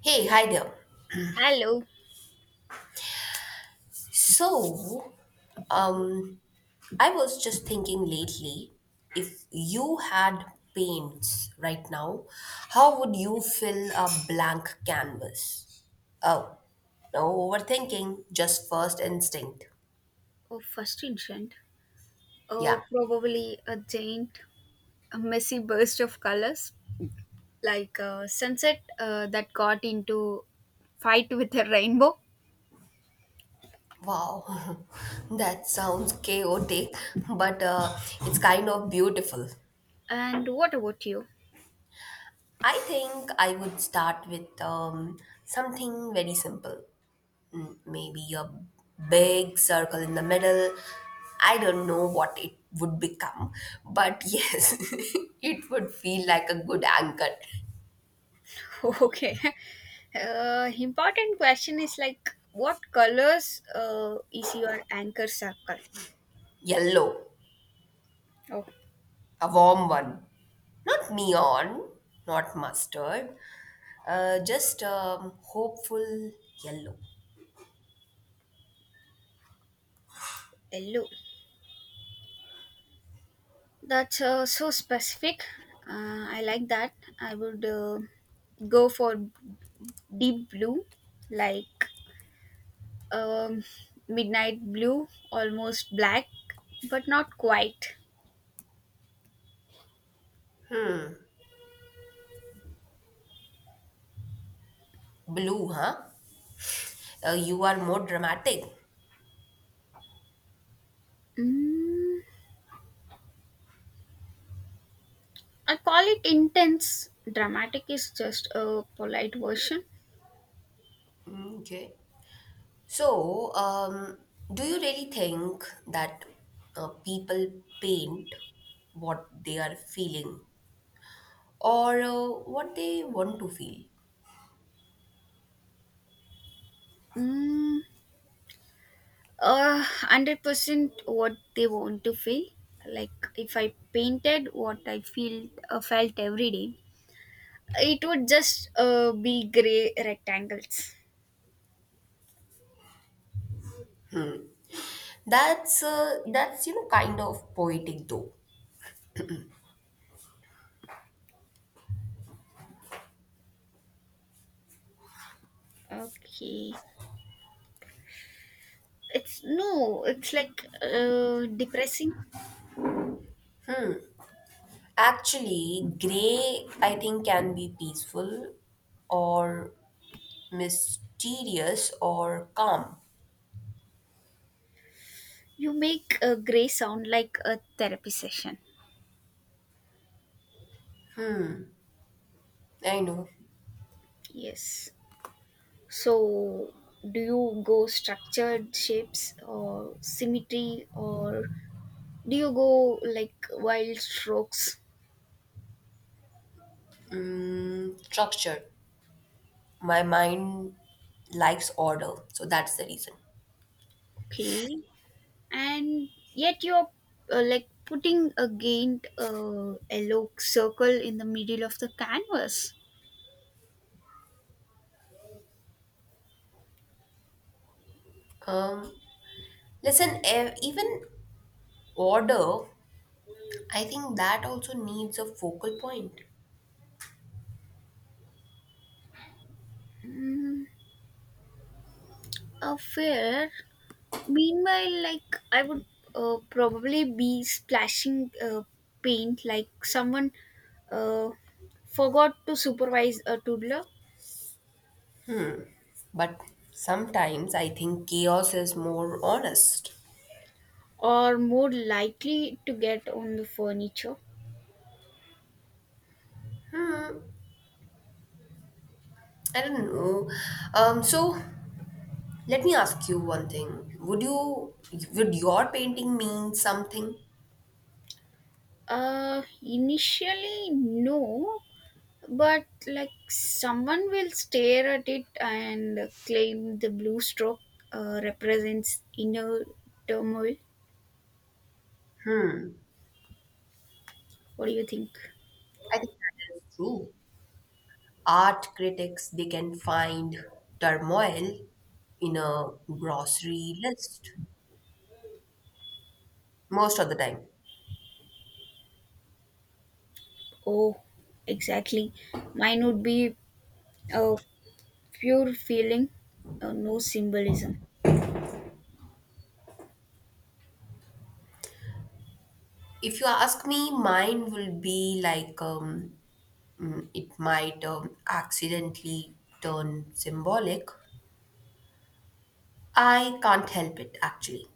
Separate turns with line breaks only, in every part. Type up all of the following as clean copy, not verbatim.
Hey, hi there.
Hello.
So,
Okay.
um, I was just thinking lately, if you had paints right now, how would you fill a blank canvas? Oh, no overthinking, just first instinct.
Oh, first incident.
Yeah.
Oh, probably a giant, a messy burst of colors, like a sunset that got into fight with a rainbow.
Wow, that sounds chaotic, but it's kind of beautiful.
And what about you?
I think I would start with something very simple maybe a big circle in the middle. I don't know what it would become, but yes, it would feel like a good anchor.
Okay. Important question is like, what colors is your anchor circle?
Yellow,
Oh,
a warm one, not neon, not mustard, just hopeful yellow.
yellow. That's so specific. I like that. I would go for deep blue, like um, midnight blue, almost black, but not quite.
Blue, huh? You are more dramatic.
Mm, I call it intense. Dramatic is just a polite version.
Mm, okay. So, um, do you really think that people paint what they are feeling or what they want to feel?
Mm, 100% what they want to feel. Like if I painted what I feel, felt every day, it would just be gray rectangles.
That's you know, kind of poetic though.
Okay, it's no, it's like depressing.
Actually, gray I think can be peaceful or mysterious or calm.
You make a gray sound like a therapy session.
I know.
Yes. So do you go structured shapes or symmetry, or do you go like wild strokes?
Mm, structure. My mind likes order, so that's the reason.
Okay. And yet you're like putting again a gained yellow circle in the middle of the canvas.
Um, Listen, even order, I think that also needs a focal point.
Mm, a fair. Meanwhile, I would probably be splashing paint, like someone uh, forgot to supervise a toddler,
But sometimes I think chaos is more honest.
or more likely to get on the furniture.
I don't know. So let me ask you one thing. Would your painting mean something?
Initially, no, but like someone will stare at it and claim the blue stroke represents inner turmoil.
Hmm.
What do you think?
I think that is true. Art critics, they can find turmoil in a grocery list most of the time.
Oh, exactly. Mine would be a pure feeling, no symbolism.
If you ask me, mine will be like it might accidentally turn symbolic. I can't help it, actually.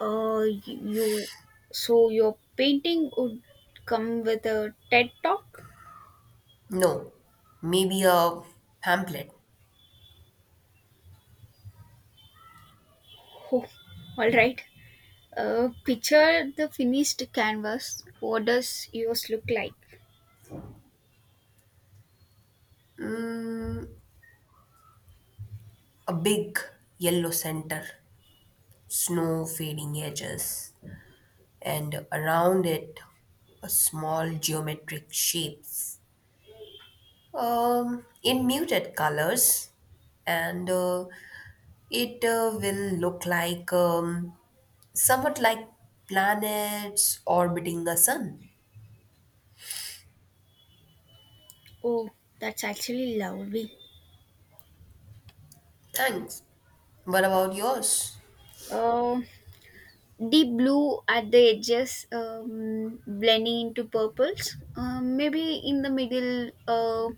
Uh, y- you, so your painting would come with a TED talk.
No, maybe a pamphlet.
Oh, all right. Picture the finished canvas. What does yours look like?
Mm, a big yellow center, snow fading edges, and around it, a small geometric shapes in muted colors, and it will look like somewhat like planets orbiting a sun.
Oh, that's actually lovely.
Thanks. What about yours?
Uh, Deep blue at the edges, blending into purples. Maybe in the middle,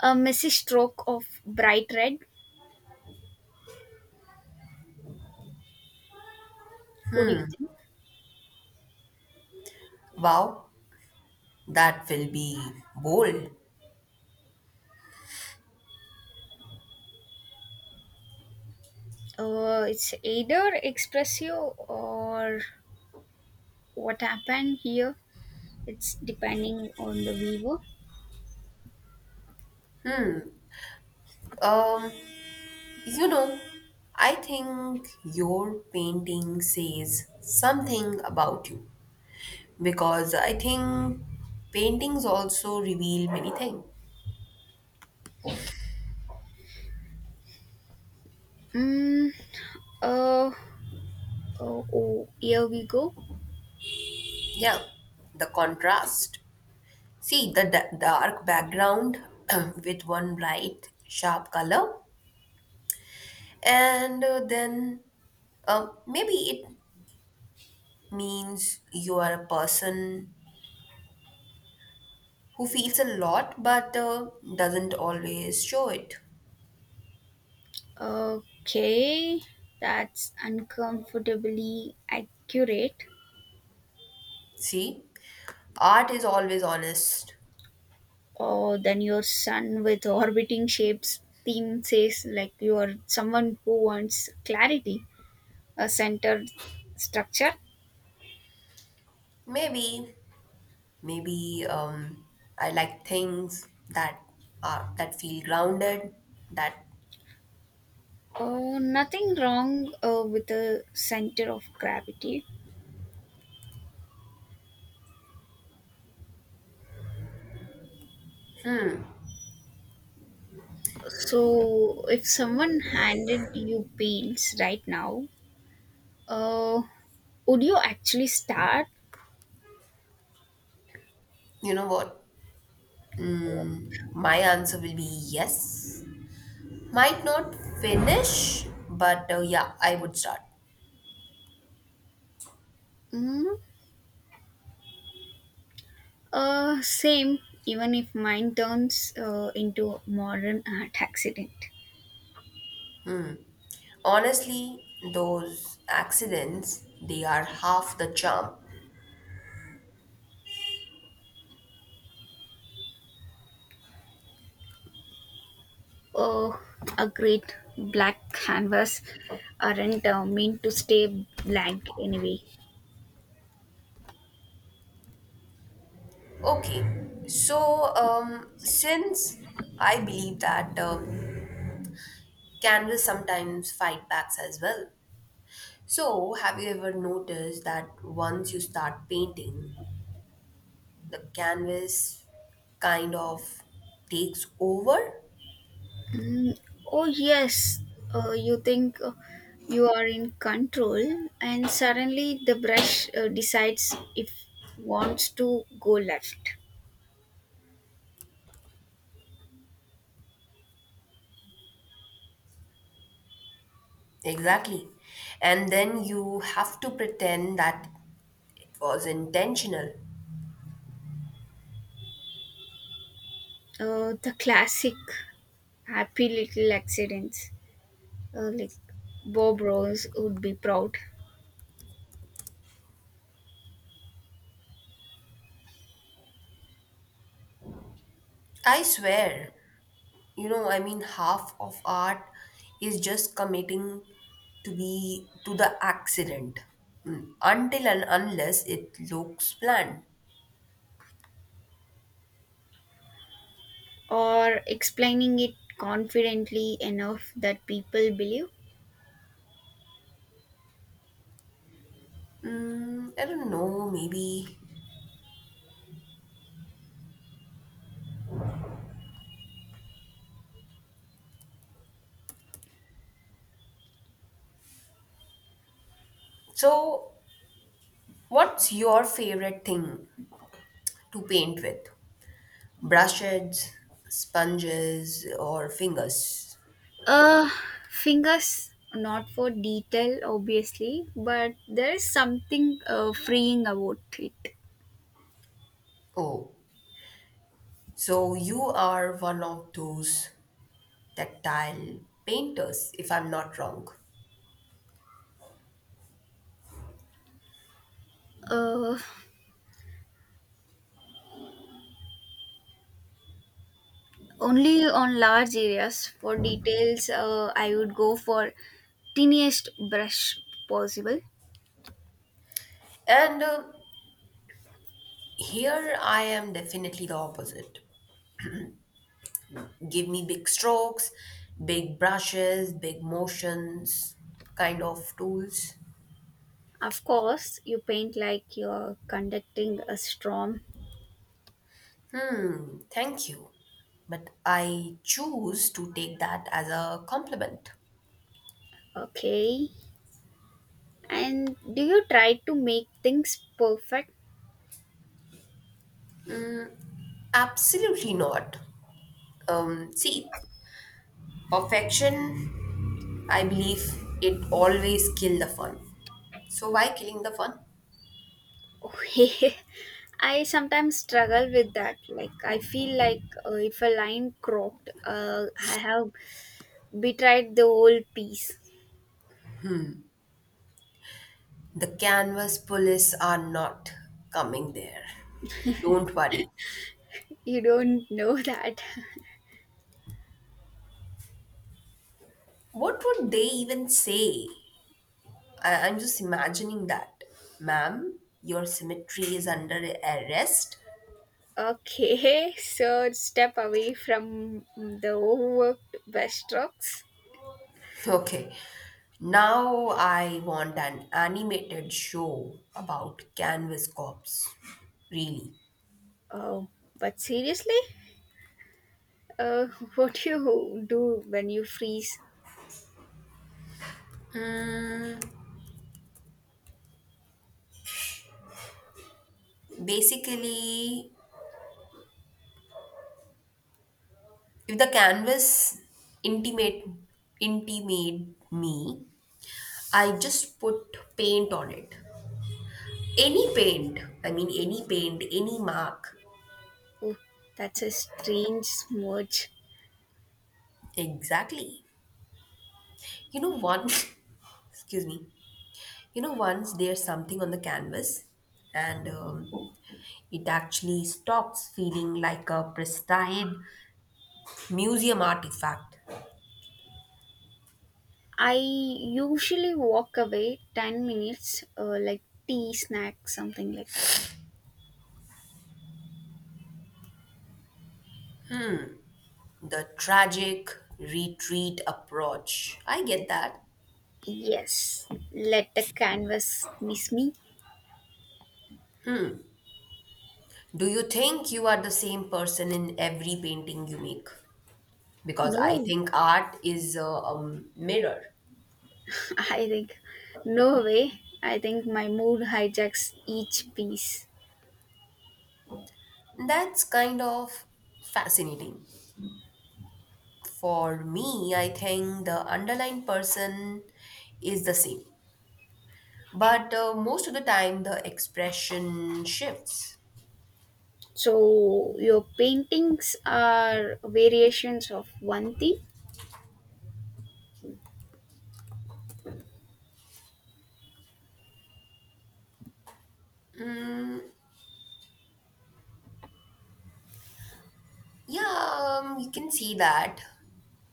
a messy stroke of bright red. What do you think?
Wow, that will be bold.
It's either expressive, or what happened here. It's depending on the viewer.
Um, you know, I think your painting says something about you because I think paintings also reveal many things.
Mm, uh, oh, here we go.
Yeah, the contrast. See the dark background with one bright, sharp color, and then maybe it means you are a person who feels a lot but doesn't always show it.
Okay, that's uncomfortably accurate.
See, art is always honest.
Oh, then your sun with orbiting shapes theme says like you are someone who wants clarity, a centered structure.
Maybe, maybe, I like things that are that feel grounded. That,
Nothing wrong with the center of gravity. So, if someone handed you paints right now, uh, would you actually start?
you know what, my answer will be yes. Might not finish, but yeah, I would start.
Mm, Same, even if mine turns into a modern art accident.
Honestly, those accidents, they are half the charm.
Oh, a great black canvas aren't meant to stay blank anyway.
Okay, since I believe that candles sometimes fight backs as well. So, have you ever noticed that once you start painting, the canvas kind of takes over?
Mm, oh, yes. You think you are in control, and suddenly the brush decides if wants to go left.
Exactly. And then you have to pretend that it was intentional.
The classic happy little accidents, like Bob Ross would be proud,
I swear, you know, I mean half of art is just committing to the accident. Mm, until and unless it looks planned.
or explaining it confidently enough that people believe.
I don't know, maybe. So what's your favorite thing to paint with, brushes, sponges or fingers?
Uh, Fingers not for detail, obviously, but there is something freeing about it.
Oh, so you are one of those tactile painters, if I'm not wrong.
Uh, Only on large areas. For details, I would go for tiniest brush possible.
And here, I am definitely the opposite. Give me big strokes, big brushes, big motions kind of tools.
Of course, you paint like you're conducting a storm.
Thank you. But I choose to take that as a compliment.
Okay. And do you try to make things perfect?
Absolutely not. See, perfection, I believe it always kill the fun. So why killing the fun?
I sometimes struggle with that. Like I feel like if a line croaked, I have betrayed the whole piece.
The canvas police are not coming there. Don't worry.
You don't know that.
What would they even say? I'm just imagining that. Ma'am, your symmetry is under arrest.
Okay, so step away from the overworked brushstrokes.
Okay. Now I want an animated show about canvas cops. Really.
Oh, but seriously, uh, what do you do when you freeze?
Basically, if the canvas intimate intimate me, I just put paint on it. Any paint. I mean any paint, any mark.
Oh, that's a strange smudge.
Exactly. You know one excuse me. You know, once there's something on the canvas and it actually stops feeling like a pristine museum artifact.
I usually walk away 10 minutes, like tea, snack, something like that.
The tragic retreat approach. I get that.
Yes, let the canvas miss me.
Do you think you are the same person in every painting you make? Because I
No,
think art is a mirror.
I think, no way. I think my mood hijacks each piece.
That's kind of fascinating. For me, I think the underlying person is the same. But most of the time, the expression shifts.
So, your paintings are variations of one theme.
Yeah, you can see that.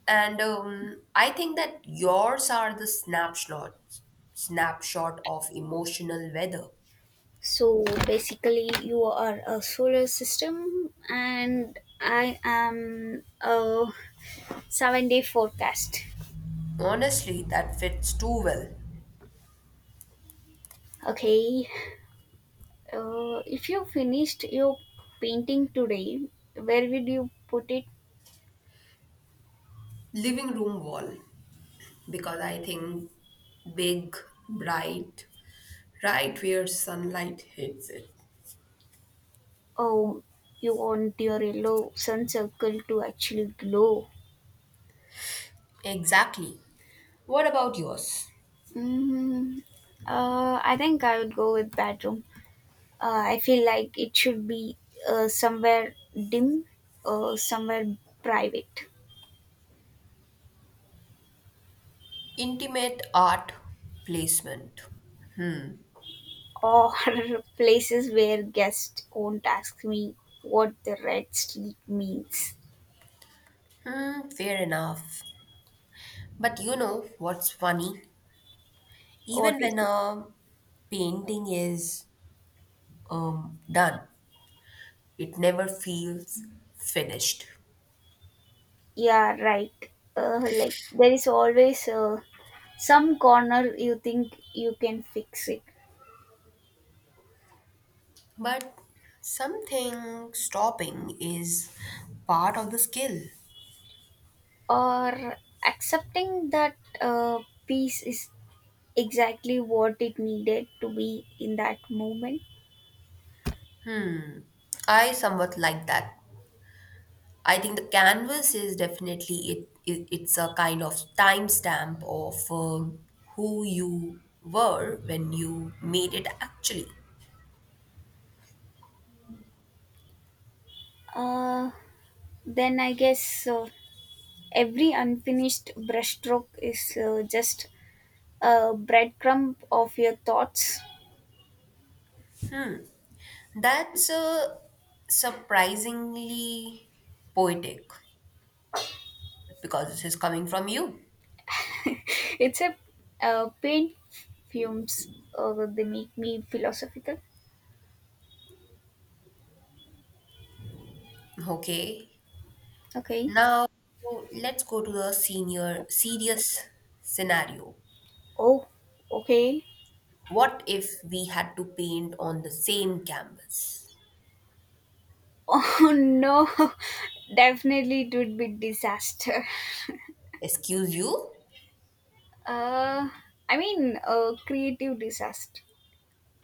And I think that yours are the snapshot of emotional weather.
So, basically, you are a solar system, and I am a 7 day forecast.
Honestly, that fits too well.
Okay, if you finished your painting today, where would you put it?
Living room wall, because I think big, bright, right where sunlight hits it.
Oh, you want your yellow sun circle to actually glow.
Exactly. What about yours?
Mm, I think I would go with bedroom. I feel like it should be somewhere dim, somewhere private,
Intimate art placement.
or places where guests won't ask me what the red streak means.
Hmm, fair enough. But you know what's funny?
What
Even
is
when
it?
a painting is done, it never feels finished.
Yeah, right. Like there is always some corner you think you can fix it,
But something stopping is part of the skill.
or accepting that peace is exactly what it needed to be in that moment.
I somewhat like that. I think the canvas is definitely it's a kind of timestamp of who you were when you made it, actually.
Uh, then I guess every unfinished brushstroke is just a breadcrumb of your thoughts.
That's surprisingly poetic because this is coming from you.
It's a paint fumes. They make me philosophical.
Okay.
Okay.
Now let's go to the senior serious scenario.
Oh, okay.
What if we had to paint on the same canvas?
Oh, no, definitely it would be disaster.
Excuse you?
Uh, I mean, a creative disaster.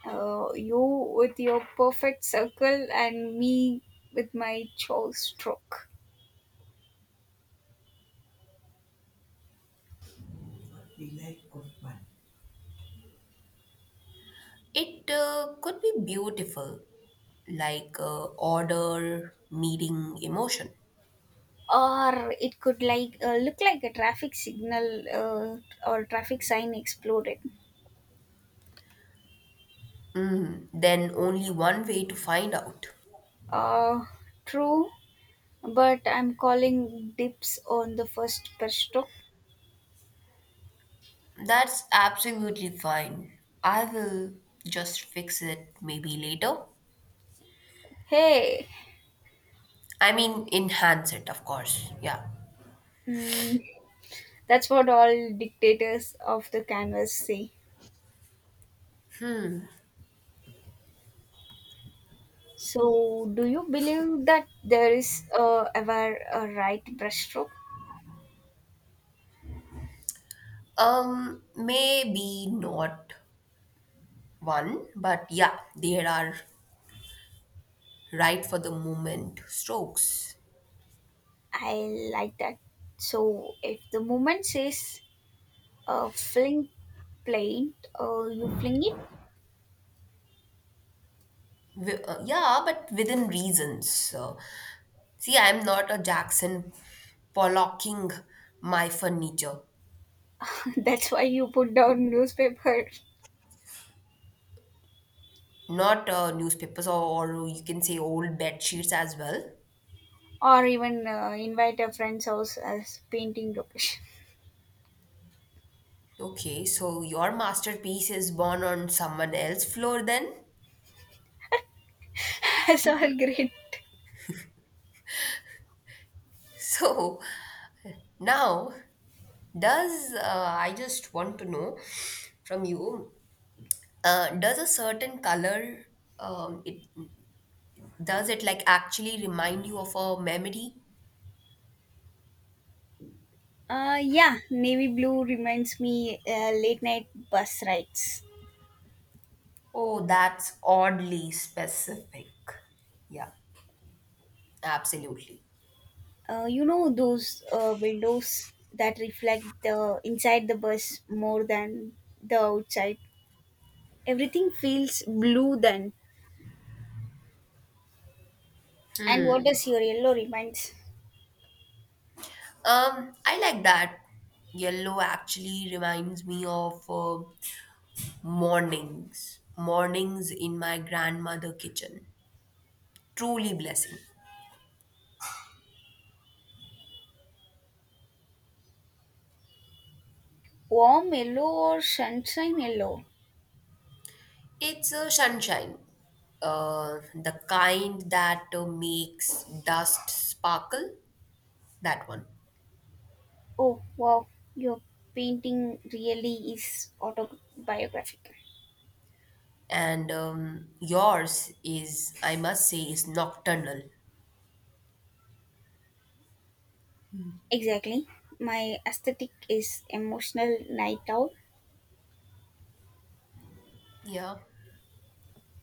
You with your perfect circle and me with my chow stroke.
It could be beautiful, like order meeting emotion.
Or it could like look like a traffic signal, or traffic sign exploded.
Then only one way to find out.
Uh, True, but I'm calling dips on the first pesto.
That's absolutely fine. I will just fix it maybe later.
Hey.
I mean, enhance it, of course. Yeah.
mm, That's what all dictators of the canvas say. So, do you believe that there is ever a right brushstroke?
Maybe not one, but yeah, there are right for the moment strokes.
I like that. So, if the movement says fling plate, you fling it.
Yeah, but within reasons. So, see, I'm not a Jackson Pollocking my furniture,
That's why you put down newspaper.
not newspapers, or you can say old bed sheets as well.
Or even invite a friend's house as painting location.
Okay, so your masterpiece is born on someone else's floor then?
That's all great.
So now, does I just want to know from you, does a certain color it does it like actually remind you of a memory?
Yeah, navy blue reminds me late night bus rides.
Oh, that's oddly specific. Yeah, absolutely.
You know those windows that reflect the inside the bus more than the outside. Everything feels blue then. And what does your yellow reminds?
I like that. Yellow actually reminds me of mornings in my grandmother kitchen. Truly blessing.
Warm yellow or sunshine yellow?
It's a sunshine, the kind that makes dust sparkle. That one.
Oh, wow, your painting really is autobiographic.
And yours is, I must say, is nocturnal.
Exactly, my aesthetic is emotional night owl.
Yeah.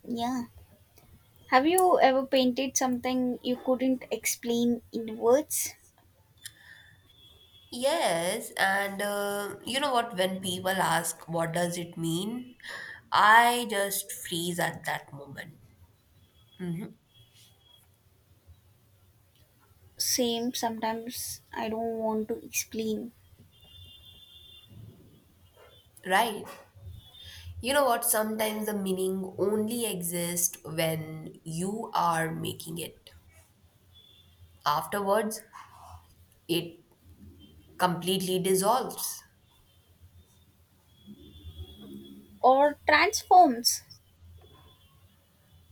Yeah. Have you ever painted something you couldn't explain in words?
Yes, and you know what? When people ask, what does it mean? I just freeze at that moment,
Same, sometimes I don't want to explain.
right? You know what? Sometimes the meaning only exists when you are making it. Afterwards, it completely dissolves.
Or transforms.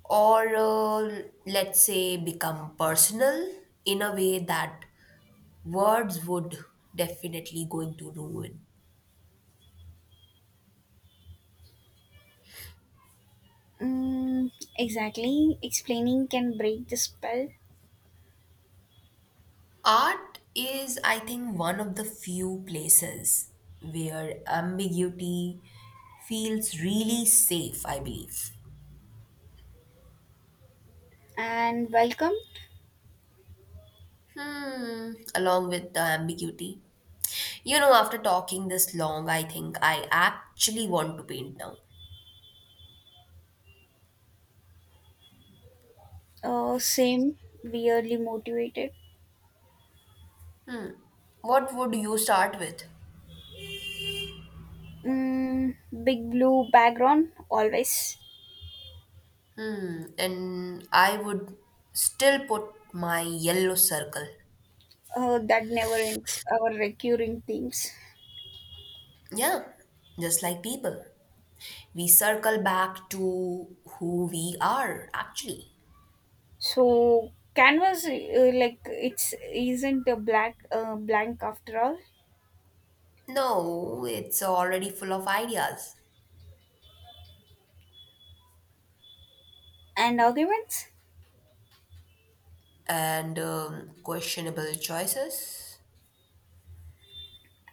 Or let's say become personal in a way that words would definitely going to ruin.
mm, exactly, explaining can break the spell.
Art is, I think, one of the few places where ambiguity feels really safe, I believe.
And welcome.
Hmm, along with the ambiguity. You know, after talking this long, I think I actually want to paint now.
Same, weirdly motivated.
What would you start with?
mm, Big blue background always.
Hmm, and I would still put my yellow circle.
That never ends our recurring themes.
Yeah, just like people. We circle back to who we are, actually.
So canvas like it's isn't a black blank after all.
No, it's already full of ideas
And arguments.
and questionable choices.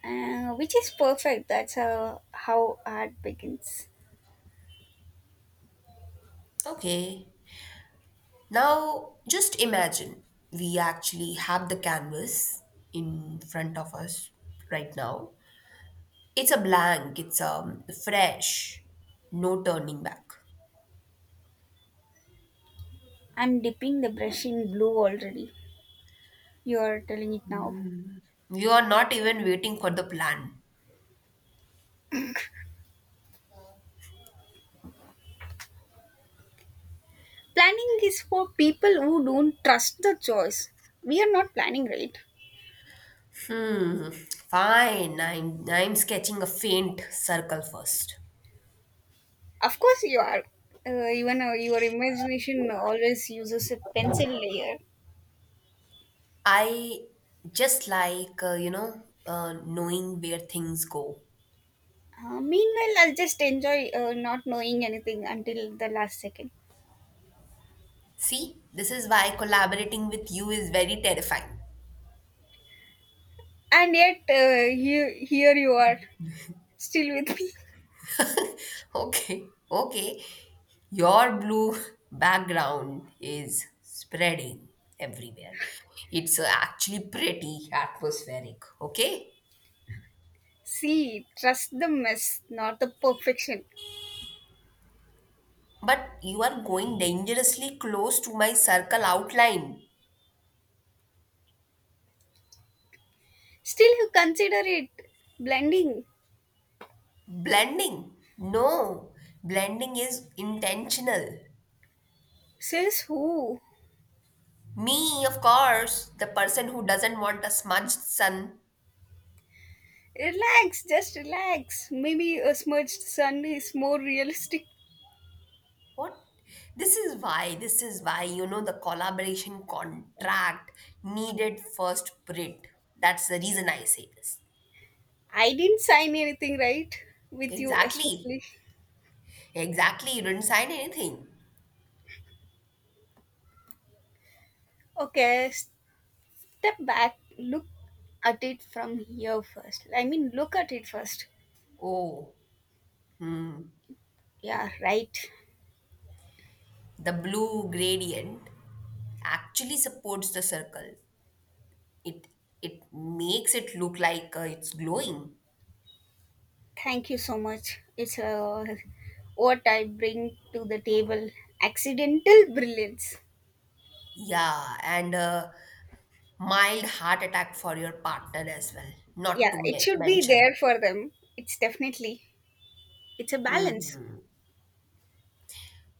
Which is perfect. That's how art begins.
Okay, now, just imagine we actually have the canvas in front of us right now. It's a blank, it's fresh, no turning back.
I'm dipping the brush in blue already. You're telling it now.
You are not even waiting for the plan.
Planning is for people who don't trust the choice. We are not planning, right?
Hmm, fine, I'm sketching a faint circle first.
Of course, you are. Even your imagination always uses a pencil layer.
I just like, you know, knowing where things go.
Meanwhile, I'll just enjoy not knowing anything until the last second.
See, this is why collaborating with you is very terrifying.
And yet, here you are, still with me.
Okay, okay. Your blue background is spreading everywhere. It's actually pretty atmospheric, okay?
See, trust the mess, not the perfection.
But you are going dangerously close to my circle outline.
Still, you consider it blending.
Blending. No, blending is intentional.
Says who?
Me, of course, the person who doesn't want a smudged sun.
Relax, just relax. Maybe a smudged sun is more realistic.
What? You know, the collaboration contract needed first print. That's the reason I say this.
I didn't sign anything, right? With you,
Exactly.
especially.
Exactly. You didn't sign anything.
Okay, step back. Look at it from here first. I mean, look at it first.
Oh, hmm.
Yeah, right.
The blue gradient actually supports the circle. It it makes it look like it's glowing.
Thank you so much. It's what I bring to the table, accidental brilliance.
Yeah, and a mild heart attack for your partner as well. Not
Yeah,
to
it should be there
mention.
for them. It's definitely, it's a balance.
Mhm.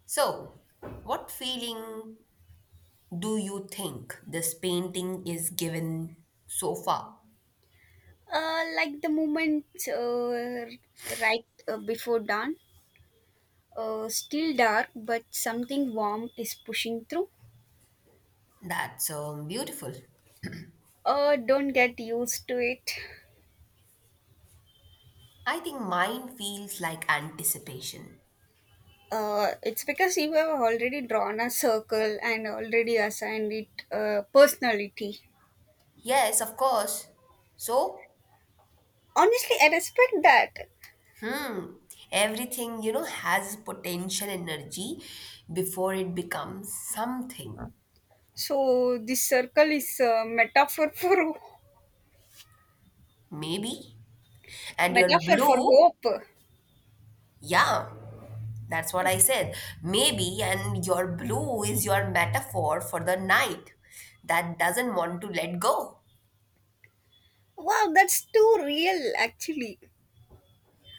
So, what feeling do you think this painting is given so far?
Like the moment right before dawn, still dark but something warm is pushing through.
That's beautiful.
Don't get used to it.
I think mine feels like anticipation.
It's because you have already drawn a circle and already assigned it personality.
Yes, of course. So,
Honestly, I respect that.
mm, everything, you know, has potential energy before it becomes something.
So this circle is a metaphor for
Maybe. And your
metaphor for
blue,
hope.
yeah. That's what I said. Maybe, and your blue is your metaphor for the night that doesn't want to let go.
Wow, that's too real, actually.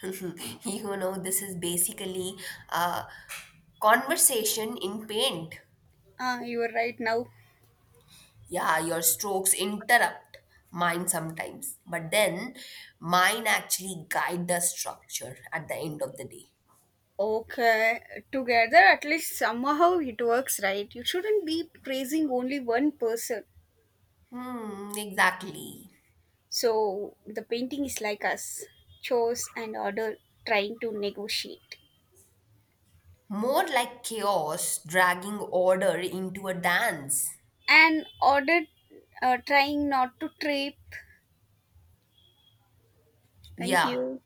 You know, this is basically a conversation in paint.
Ah, you are right now.
Yeah, your strokes interrupt mine sometimes, but then mine actually guide the structure at the end of the day.
Okay, together at least somehow it works, right? You shouldn't be praising only one person.
Hmm, exactly.
So the painting is like us, chose and order trying to negotiate,
More like chaos dragging order into a dance.
and order trying not to trip. Thank
Yeah,
you.